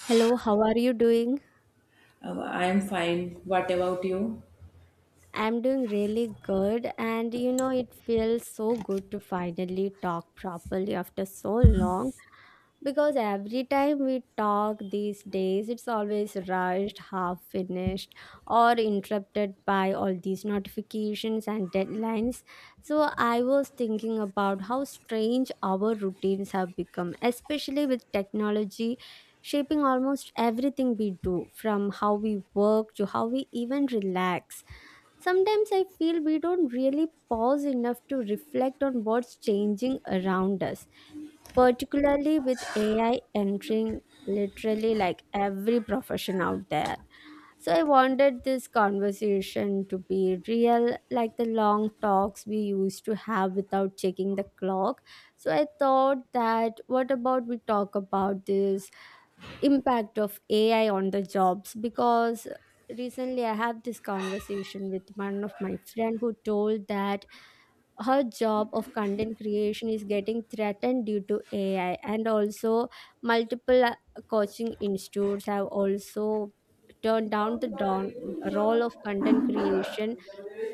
Hello, how are you doing? I'm fine. What about you? I'm doing really good, and it feels so good to finally talk properly after so long. Because every time we talk these days it's always rushed half finished or interrupted by all these notifications and deadlines. So I was thinking about how strange our routines have become, especially with technology shaping almost everything we do, from how we work to how we even relax. Sometimes I feel we don't really pause enough to reflect on what's changing around us, particularly with AI entering literally like every profession out there. So I wanted this conversation to be real, like the long talks we used to have without checking the clock. So I thought that what about we talk about this impact of AI on the jobs, because recently I had this conversation with one of my friend who told that her job of content creation is getting threatened due to AI, and also multiple coaching institutes have also turned down the role of content creation.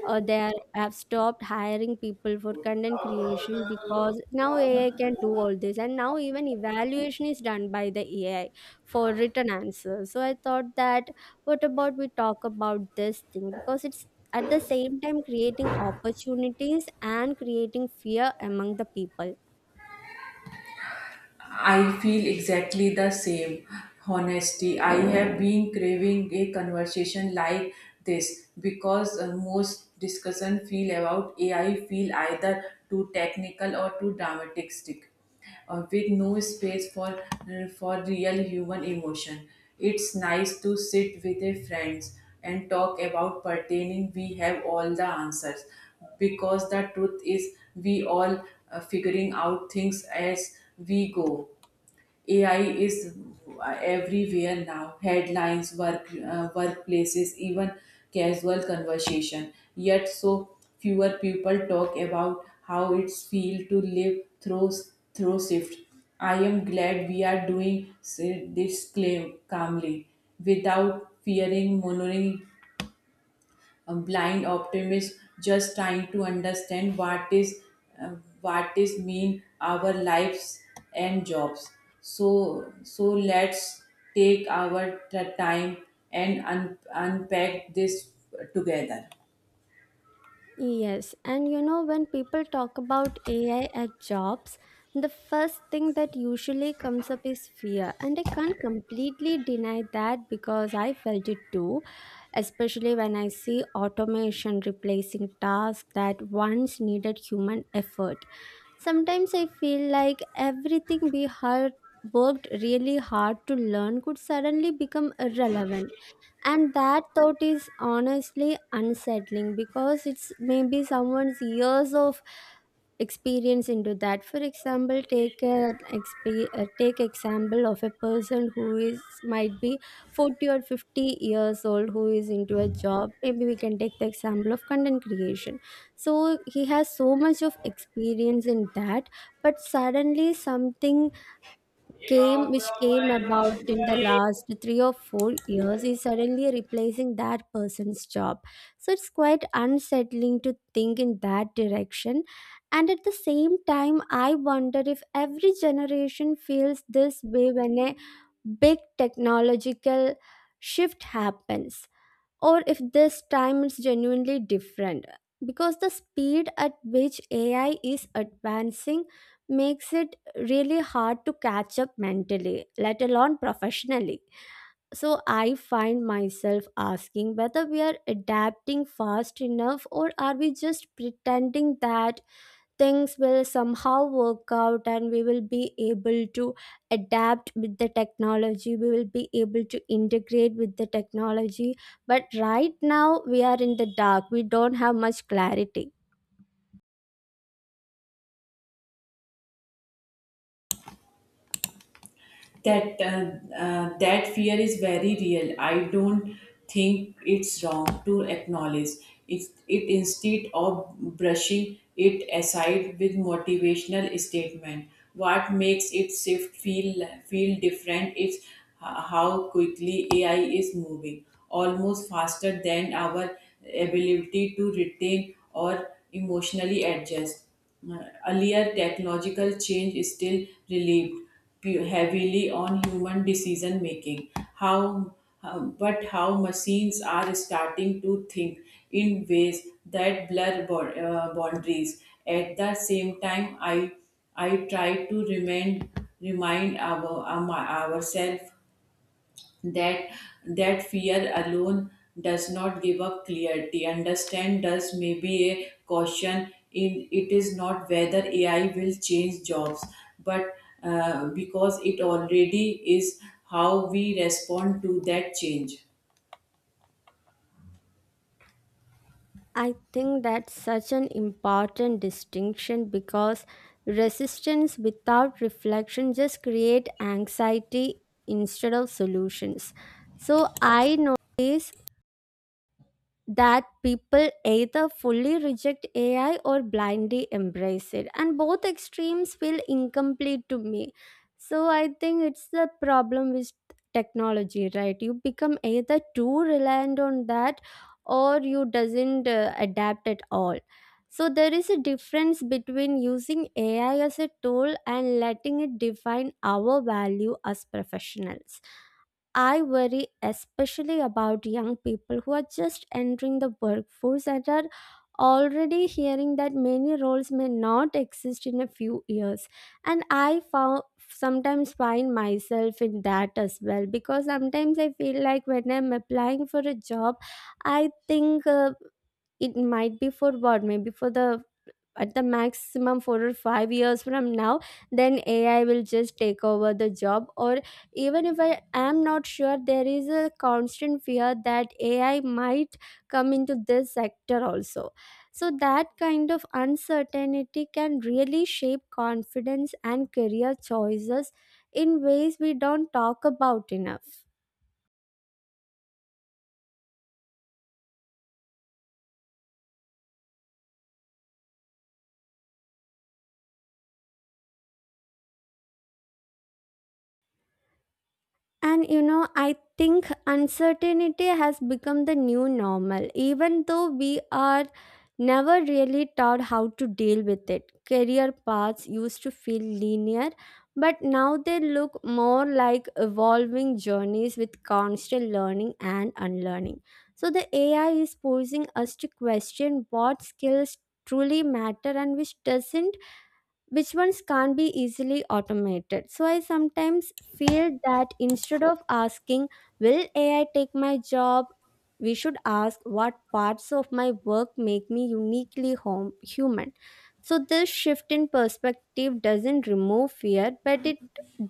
Uh, they have stopped hiring people for content creation because now AI can do all this, and now even evaluation is done by the AI for written answers. So I thought that what about we talk about this thing because it's at the same time creating opportunities and creating fear among the people. I feel exactly the same. Honesty. I have been craving a conversation like this because most discussion feel about AI feel either too technical or too dramatic stick, with no space for for real human emotion. It's nice to sit with a friends and talk about pertaining. We have all the answers, because the truth is we all figuring out things as we go. AI is everywhere now, headlines, workplaces, even casual conversation, yet so fewer people talk about how it's feel to live through shift. I am glad we are doing this claim calmly, without fearing monitoring, a blind optimist just trying to understand what is, uh, what is mean our lives and jobs. So let's take our time and unpack this together. Yes, and when people talk about AI at jobs, the first thing that usually comes up is fear. And I can't completely deny that because I felt it too, especially when I see automation replacing tasks that once needed human effort. Sometimes I feel like everything we had worked really hard to learn could suddenly become irrelevant, and that thought is honestly unsettling because it's maybe someone's years of experience into that. For example, take example of a person who is might be 40 or 50 years old who is into a job. Maybe we can take the example of content creation. So he has so much of experience in that, but suddenly something came, which came about in the last 3 or 4 years, is suddenly replacing that person's job. So it's quite unsettling to think in that direction. And at the same time I wonder if every generation feels this way when a big technological shift happens, or if this time is genuinely different, because the speed at which AI is advancing makes it really hard to catch up mentally, let alone professionally. So I find myself asking whether we are adapting fast enough, or are we just pretending that things will somehow work out and we will be able to adapt with the technology, we will be able to integrate with the technology. But right now we are in the dark, we don't have much clarity. That fear is very real. I don't think it's wrong to acknowledge it instead of brushing it aside with motivational statement. What makes it shift feel different is how quickly AI is moving, almost faster than our ability to retain or emotionally adjust. Uh, Earlier technological change is still relieved heavily on human decision making, how but how machines are starting to think in ways that blur boundaries. At the same time, I try to remind ourselves that that fear alone does not give up clarity understand does maybe a caution in it is not whether AI will change jobs, but because it already is, how we respond to that change. I think that's such an important distinction, because resistance without reflection just create anxiety instead of solutions. So I notice that people either fully reject AI or blindly embrace it. And both extremes feel incomplete to me. So I think it's the problem with technology, right? You become either too reliant on that, or you doesn't adapt at all. So there is a difference between using AI as a tool and letting it define our value as professionals. I worry especially about young people who are just entering the workforce and are already hearing that many roles may not exist in a few years. And I found sometimes find myself in that as well, because sometimes I feel like when I'm applying for a job, I think it might be for what, maybe for the at the maximum 4 or 5 years from now, then AI will just take over the job. Or even if I am not sure, there is a constant fear that AI might come into this sector also. So that kind of uncertainty can really shape confidence and career choices in ways we don't talk about enough. And I think uncertainty has become the new normal, even though we are never really taught how to deal with it. Career paths used to feel linear, but now they look more like evolving journeys with constant learning and unlearning. So, the AI is forcing us to question what skills truly matter and which ones can't be easily automated. So I sometimes feel that instead of asking, "Will AI take my job?" we should ask, "What parts of my work make me uniquely human?" So this shift in perspective doesn't remove fear, but it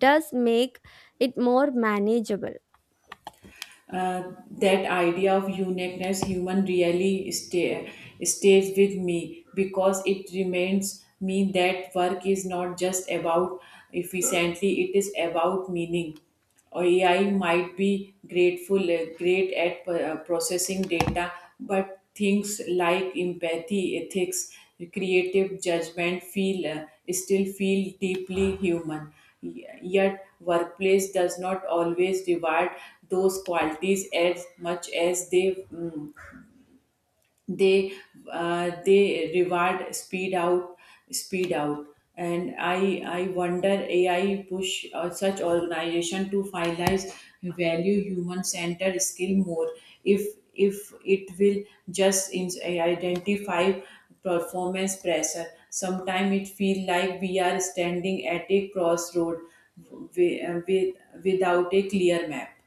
does make it more manageable. That idea of uniqueness human really stays with me, because it reminds me that work is not just about efficiently, it is about meaning. AI might be grateful great at processing data, but things like empathy, ethics, creative judgment feel still feel deeply human. Yet workplace does not always reward those qualities as much as they mm, they they reward speed out. And I wonder AI push such organization to finalize value human centered skill more, if it will just identify performance pressure. Sometimes it feel like we are standing at a crossroad wi- uh, with, without a clear map.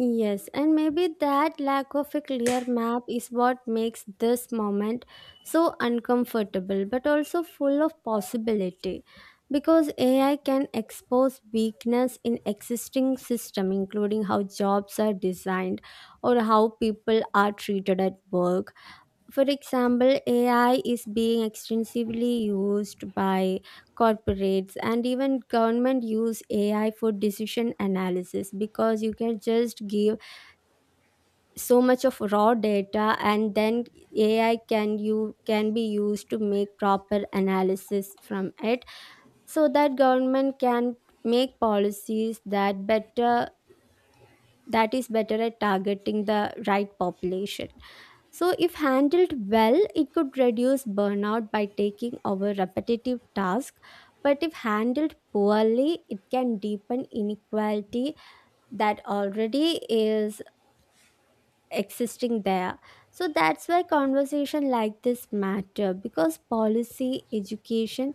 Yes, and maybe that lack of a clear map is what makes this moment so uncomfortable but also full of possibility, because AI can expose weakness in existing system, including how jobs are designed or how people are treated at work. For example, AI is being extensively used by corporates, and even government use AI for decision analysis, because you can just give so much of raw data, and then AI can, you can be used to make proper analysis from it, so that government can make policies that better, that is better at targeting the right population. So if handled well, it could reduce burnout by taking over repetitive tasks, but if handled poorly, it can deepen inequality that already is existing there. So that's why conversation like this matter, because policy, education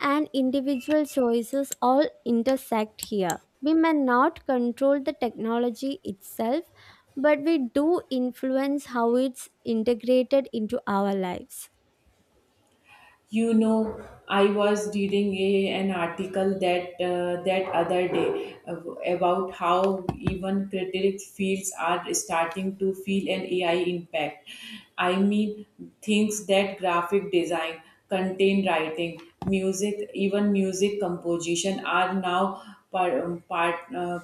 and individual choices all intersect here. We may not control the technology itself, but we do influence how it's integrated into our lives. You know, I was reading an article that other day, about how even creative fields are starting to feel an AI impact. I mean, things that graphic design, content writing, music, even music composition are now part, part, uh,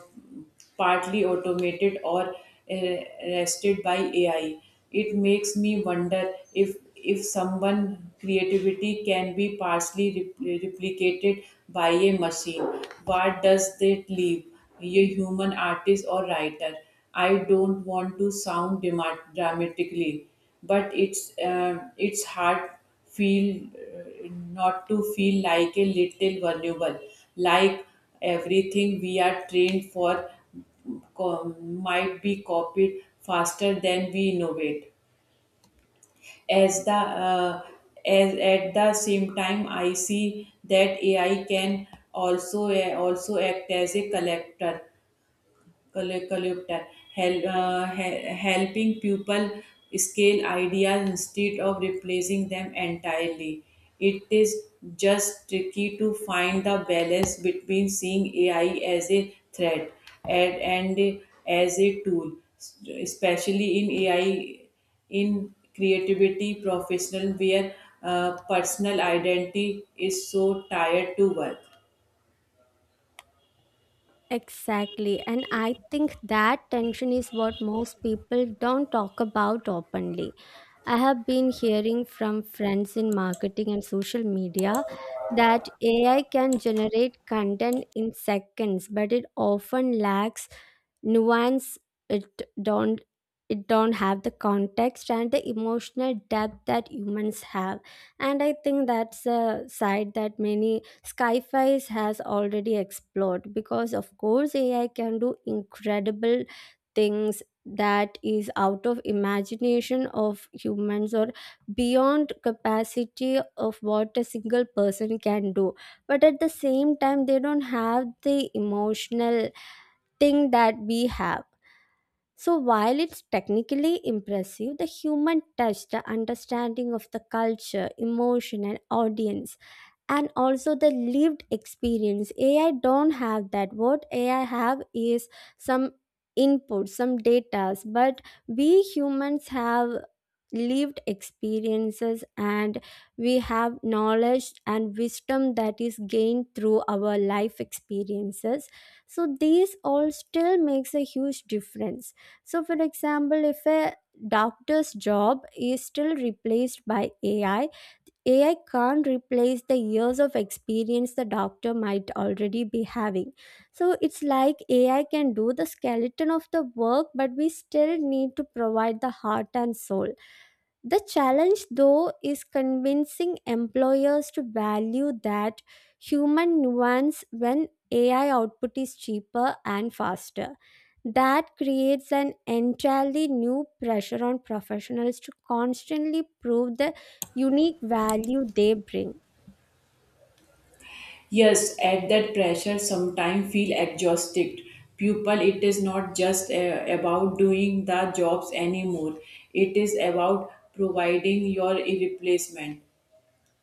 partly automated or uh, rested by AI. It makes me wonder if someone creativity can be partially replicated by a machine. What does that leave a human artist or writer? I don't want to sound dramatically, but it's hard feel not to feel like a little vulnerable, like everything we are trained for might be copied faster than we innovate. As the as at the same time, I see that AI can also act as a collector, helping people scale ideas instead of replacing them entirely. It is just tricky to find the balance between seeing AI as a threat and as a tool, especially in AI, in creativity professional where personal identity is so tied to work. Exactly. And I think that tension is what most people don't talk about openly. I have been hearing from friends in marketing and social media that AI can generate content in seconds, but it often lacks nuance, it don't it don't have the context and the emotional depth that humans have. And I think that's a side that many skyfies has already explored, because of course AI can do incredible things that is out of imagination of humans or beyond capacity of what a single person can do. But at the same time they don't have the emotional thing that we have. So, while it's technically impressive, the human touch, the understanding of the culture, emotion, and audience, and also the lived experience, AI don't have that. What AI have is some input, some data, but we humans have lived experiences, and we have knowledge and wisdom that is gained through our life experiences. So these all still makes a huge difference. So for example, if a doctor's job is still replaced by AI, AI can't replace the years of experience the doctor might already be having. So it's like AI can do the skeleton of the work, but we still need to provide the heart and soul. The challenge, though, is convincing employers to value that human nuance when AI output is cheaper and faster. That creates an entirely new pressure on professionals to constantly prove the unique value they bring. Yes, at that pressure sometimes feel exhausted. People, it is not just about doing the jobs anymore. It is about providing your replacement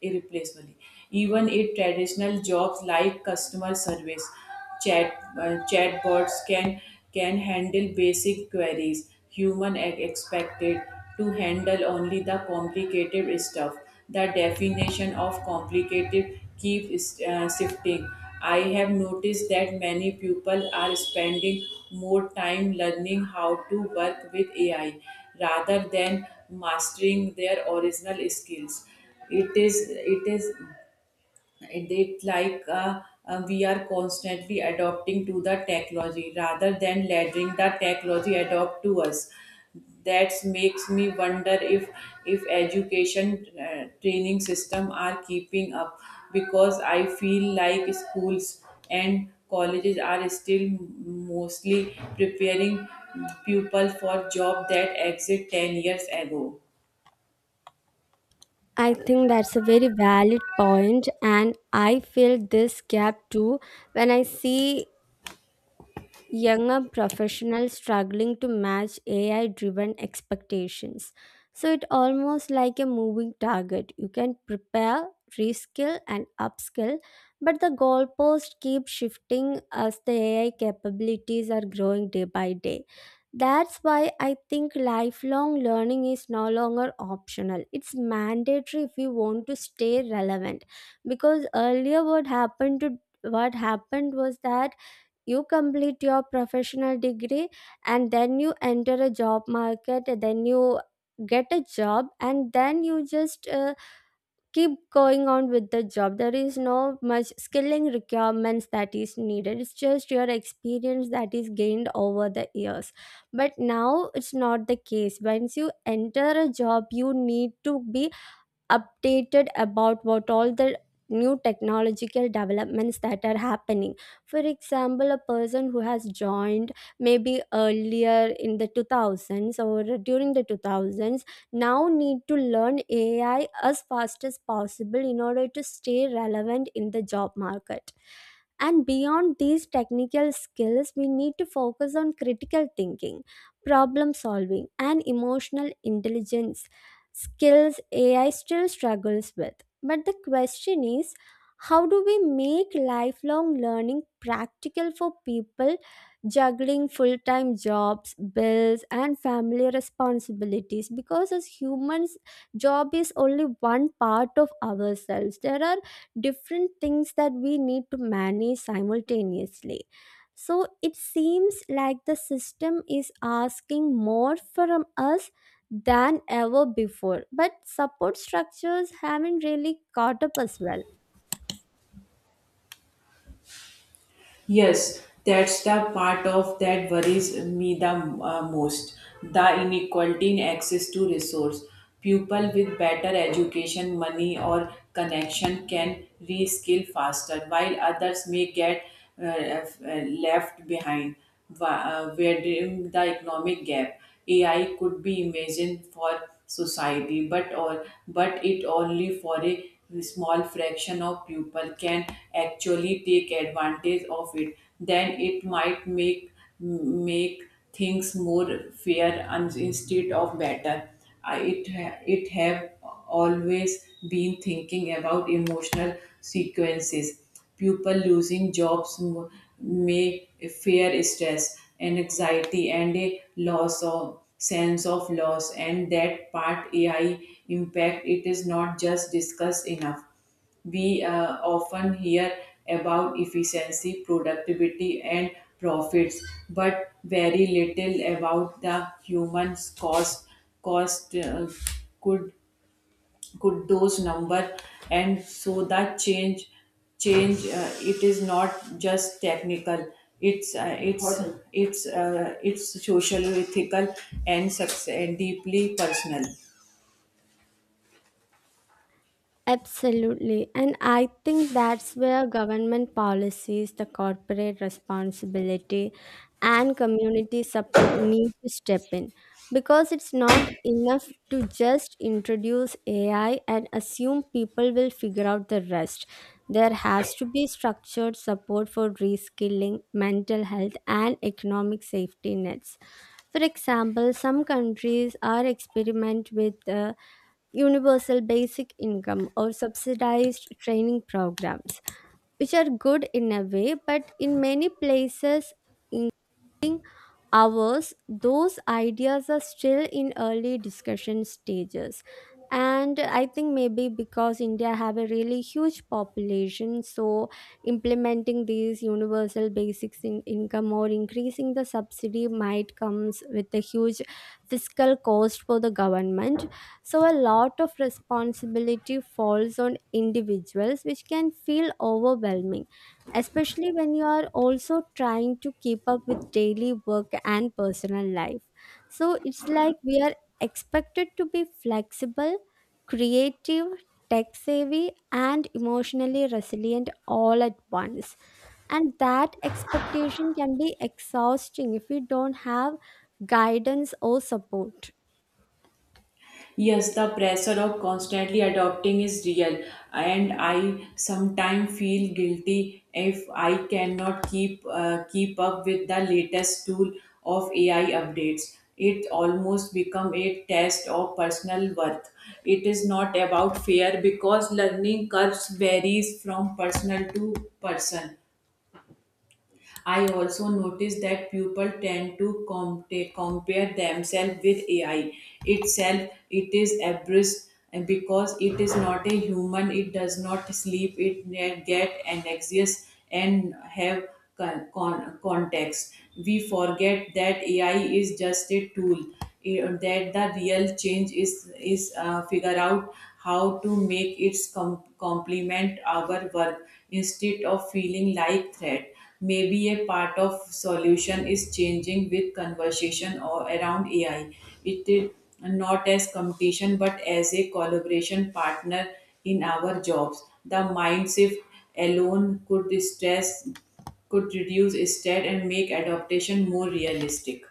irreplaceable. Even in traditional jobs like customer service, chat chatbots can handle basic queries. Human are expected to handle only the complicated stuff. The definition of complicated keeps shifting. I have noticed that many people are spending more time learning how to work with AI rather than mastering their original skills. It is it is it, it like we are constantly adopting to the technology rather than letting the technology adopt to us. That makes me wonder if education training system are keeping up, because I feel like schools and colleges are still mostly preparing people for job that exit 10 years ago. I think that's a very valid point, and I feel this gap too when I see younger professionals struggling to match AI driven expectations. So it almost like a moving target. You can prepare, reskill and upskill, but the goalposts keep shifting as the AI capabilities are growing day by day. That's why I think lifelong learning is no longer optional. It's mandatory if you want to stay relevant. Because earlier what happened was that you complete your professional degree, and then you enter a job market, then you get a job, and then you just keep going on with the job. There is no much skilling requirements that is needed, it's just your experience that is gained over the years. But now it's not the case. Once you enter a job, you need to be updated about what all the new technological developments that are happening. For example, a person who has joined maybe earlier in the 2000s or during the 2000s now need to learn AI as fast as possible in order to stay relevant in the job market. And beyond these technical skills, we need to focus on critical thinking, problem solving and emotional intelligence, skills AI still struggles with. But the question is, how do we make lifelong learning practical for people juggling full time jobs, bills, and family responsibilities? Because as humans, job is only one part of ourselves. There are different things that we need to manage simultaneously. So it seems like the system is asking more from us than ever before, but support structures haven't really caught up as well. Yes, that's the part of that worries me the most. The inequality in access to resource. People with better education, money, or connection can reskill faster, while others may get left behind, widening the economic gap. AI could be imagined for society, but it only for a small fraction of people can actually take advantage of it. Then it might make things more fair and instead of better. It have always been thinking about emotional sequences. People losing jobs may fear stress and anxiety and a loss of sense of loss, and that part AI impact it is not just discussed enough. We often hear about efficiency, productivity, and profits, but very little about the human cost. Cost, could could those number, and so that change change it is not just technical. It's uh, it's it's social, ethical, and success, and deeply personal. Absolutely. And I think that's where government policies, the corporate responsibility, and community support need to step in. Because it's not enough to just introduce AI and assume people will figure out the rest. There has to be structured support for reskilling, mental health, and economic safety nets. For example, some countries are experiment with universal basic income or subsidized training programs, which are good in a way, but in many places ours, those ideas are still in early discussion stages. And I think maybe because India have a really huge population, so implementing these universal basics in income or increasing the subsidy might comes with a huge fiscal cost for the government. So a lot of responsibility falls on individuals, which can feel overwhelming especially when you are also trying to keep up with daily work and personal life. So it's like we are expected to be flexible, creative, tech savvy, and emotionally resilient all at once. And that expectation can be exhausting if we don't have guidance or support. Yes, the pressure of constantly adopting is real, and I sometimes feel guilty if I cannot keep up with the latest tool of AI updates. It almost become a test of personal worth. It is not about fair because learning curves varies from personal to person. I also noticed that people tend to compare themselves with AI itself. It is abreast and because it is not a human. It does not sleep. It get anxious and have context. We forget that AI is just a tool. That the real change is figure out how to make it complement our work instead of feeling like threat. Maybe a part of solution is changing with conversation or around AI, it is not as competition but as a collaboration partner in our jobs. The mind shift alone could reduce stress and make adaptation more realistic.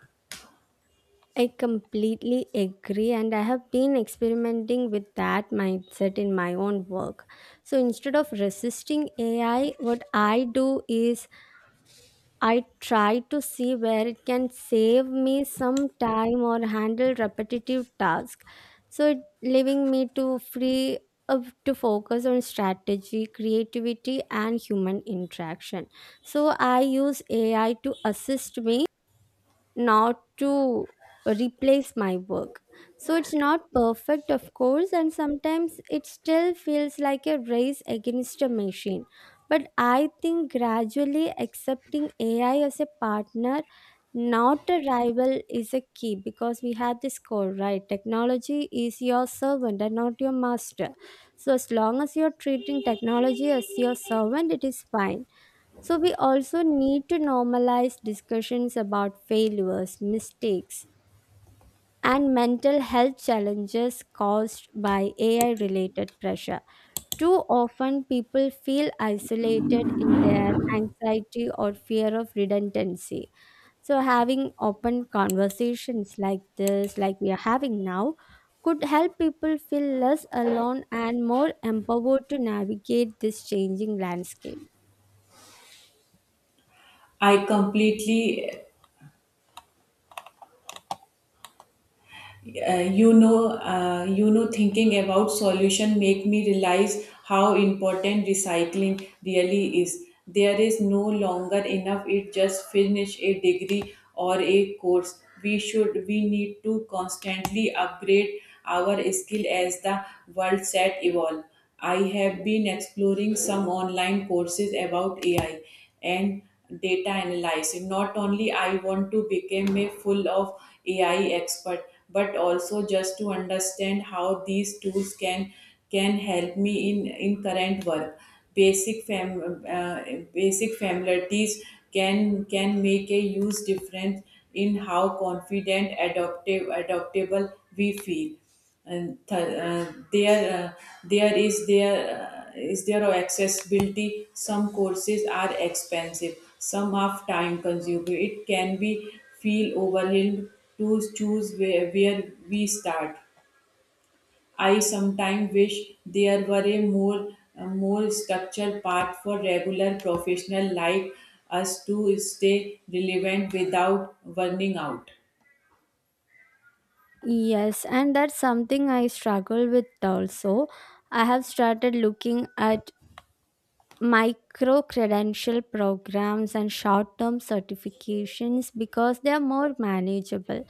I completely agree, and I have been experimenting with that mindset in my own work. So instead of resisting AI, what I do is I try to see where it can save me some time or handle repetitive tasks. So it leaving me to free up to focus on strategy, creativity, and human interaction. So I use AI to assist me, not to replace my work. So it's not perfect, of course, and sometimes it still feels like a race against a machine. But I think gradually accepting AI as a partner, not a rival, is a key, because we have this core, right? Technology is your servant and not your master. So as long as you're treating technology as your servant, it is fine. So we also need to normalize discussions about failures, mistakes, and mental health challenges caused by AI related pressure. Too often, people feel isolated in their anxiety or fear of redundancy. So, having open conversations like this, like we are having now, could help people feel less alone and more empowered to navigate this changing landscape. I completely. Thinking about solution make me realize how important recycling really is. There is no longer enough it just finish a degree or a course. We need to constantly upgrade our skill as the world set evolve. I have been exploring some online courses about AI and data analysis. Not only I want to become a full of AI expert, but also just to understand how these tools can help me in current work. Basic fam uh, Basic familiarities can make a huge difference in how confident, adaptable we feel. And th- there there is there is there of accessibility, some courses are expensive, some are time consuming, it can be feel overwhelmed to choose where we start. I sometimes wish there were a more structured path for regular professional like us to stay relevant without burning out. Yes, and that's something I struggle with also. I have started looking at micro credential programs and short term certifications because they are more manageable.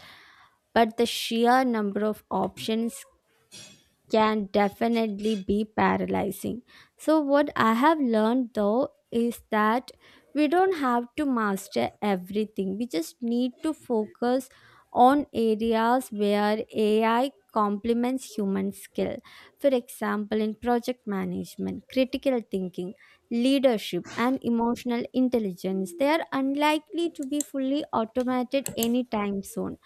But the sheer number of options can definitely be paralyzing. So what I have learned though is that we don't have to master everything, we just need to focus on areas where AI complements human skill. For example, in project management, critical thinking, leadership, and emotional intelligence, they are unlikely to be fully automated anytime soon.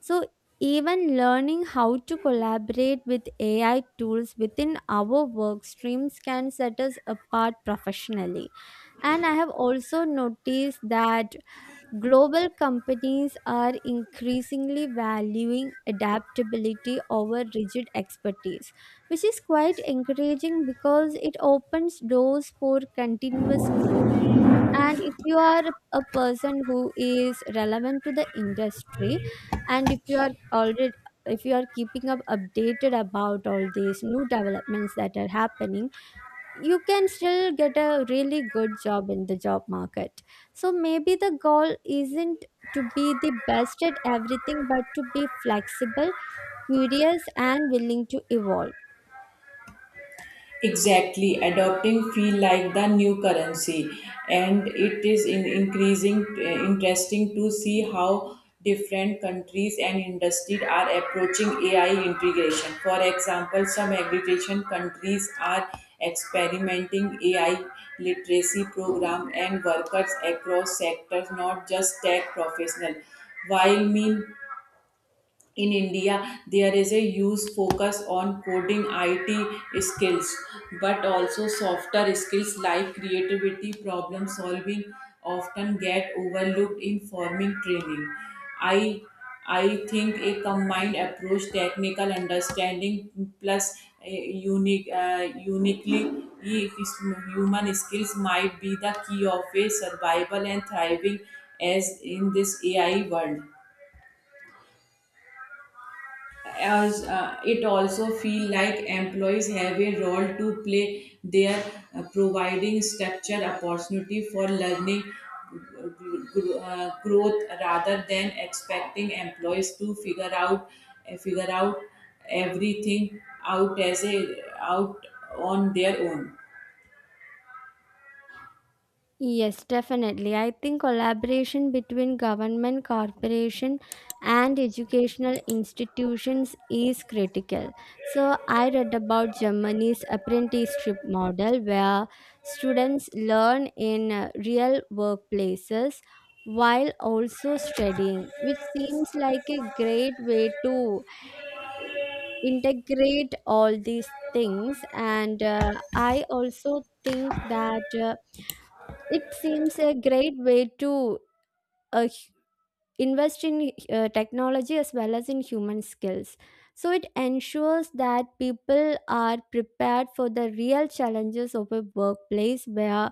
So, even learning how to collaborate with AI tools within our work streams can set us apart professionally. And I have also noticed that global companies are increasingly valuing adaptability over rigid expertise, which is quite encouraging because it opens doors for continuous growth. And if you are a person who is relevant to the industry, and if you are already, if you are keeping up updated about all these new developments that are happening, you can still get a really good job in the job market. So maybe the goal isn't to be the best at everything, but to be flexible, curious, and willing to evolve. Exactly, adopting feel like the new currency, and it is in increasing interesting to see how different countries and industries are approaching AI integration. For example, some agricultural countries are experimenting AI literacy program and workers across sectors, not just tech professional. While mean, in India there is a huge focus on coding it skills, but also softer skills like creativity, problem solving often get overlooked in forming training. I i think a combined approach, technical understanding plus uh, uniquely human skills might be the key of a survival and thriving as in this AI world. As it also feel like employees have a role to play there, providing structure opportunity for learning, growth, rather than expecting employees to figure out everything out as a out on their own. Yes, definitely. I think collaboration between government, corporation, and educational institutions is critical. So I read about Germany's apprenticeship model where students learn in real workplaces while also studying, which seems like a great way to integrate all these things. And I also think that. It seems a great way to uh, h- invest in technology as well as in human skills. So it ensures that people are prepared for the real challenges of a workplace where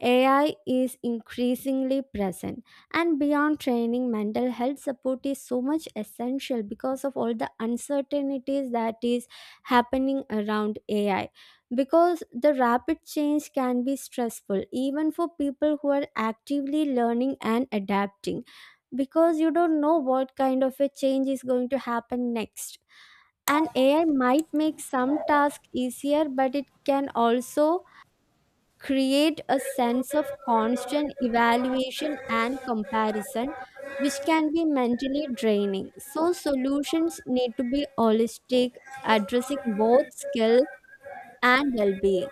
AI is increasingly present. And beyond training, mental health support is so much essential because of all the uncertainties that is happening around AI, because the rapid change can be stressful even for people who are actively learning and adapting, because you don't know what kind of a change is going to happen next. And AI might make some tasks easier, but it can also create a sense of constant evaluation and comparison, which can be mentally draining. So, solutions need to be holistic, addressing both skill and well being.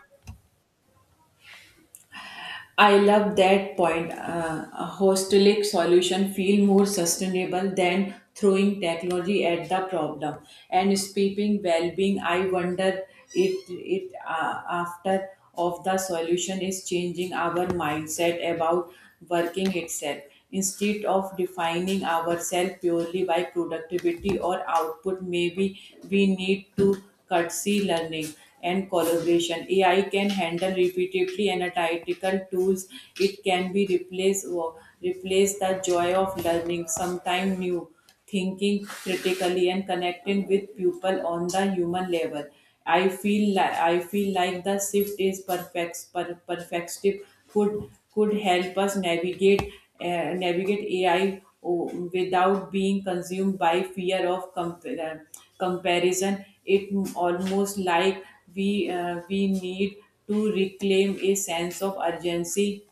I love that point. A holistic solution feel more sustainable than throwing technology at the problem. And speaking well-being, I wonder, it after of the solution is changing our mindset about working itself. Instead of defining ourselves purely by productivity or output, maybe we need to curtsy learning and collaboration. AI can handle repetitively analytical tools. It can be replace or replace the joy of learning something new, thinking critically and connecting with people on the human level. I feel like the shift is perfective could help us navigate AI without being consumed by fear of comparison. It almost like we need to reclaim a sense of urgency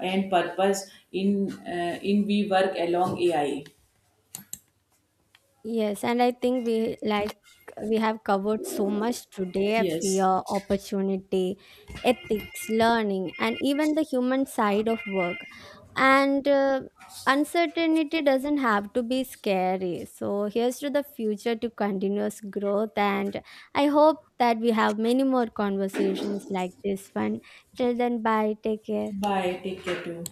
and purpose in we work along AI. Yes, and I think we like we have covered so much today, fear, Yes. opportunity, ethics, learning, and even the human side of work. And uncertainty doesn't have to be scary. So, here's to the future, to continuous growth. And I hope that we have many more conversations like this one. Till then, bye. Take care. Bye. Take care too.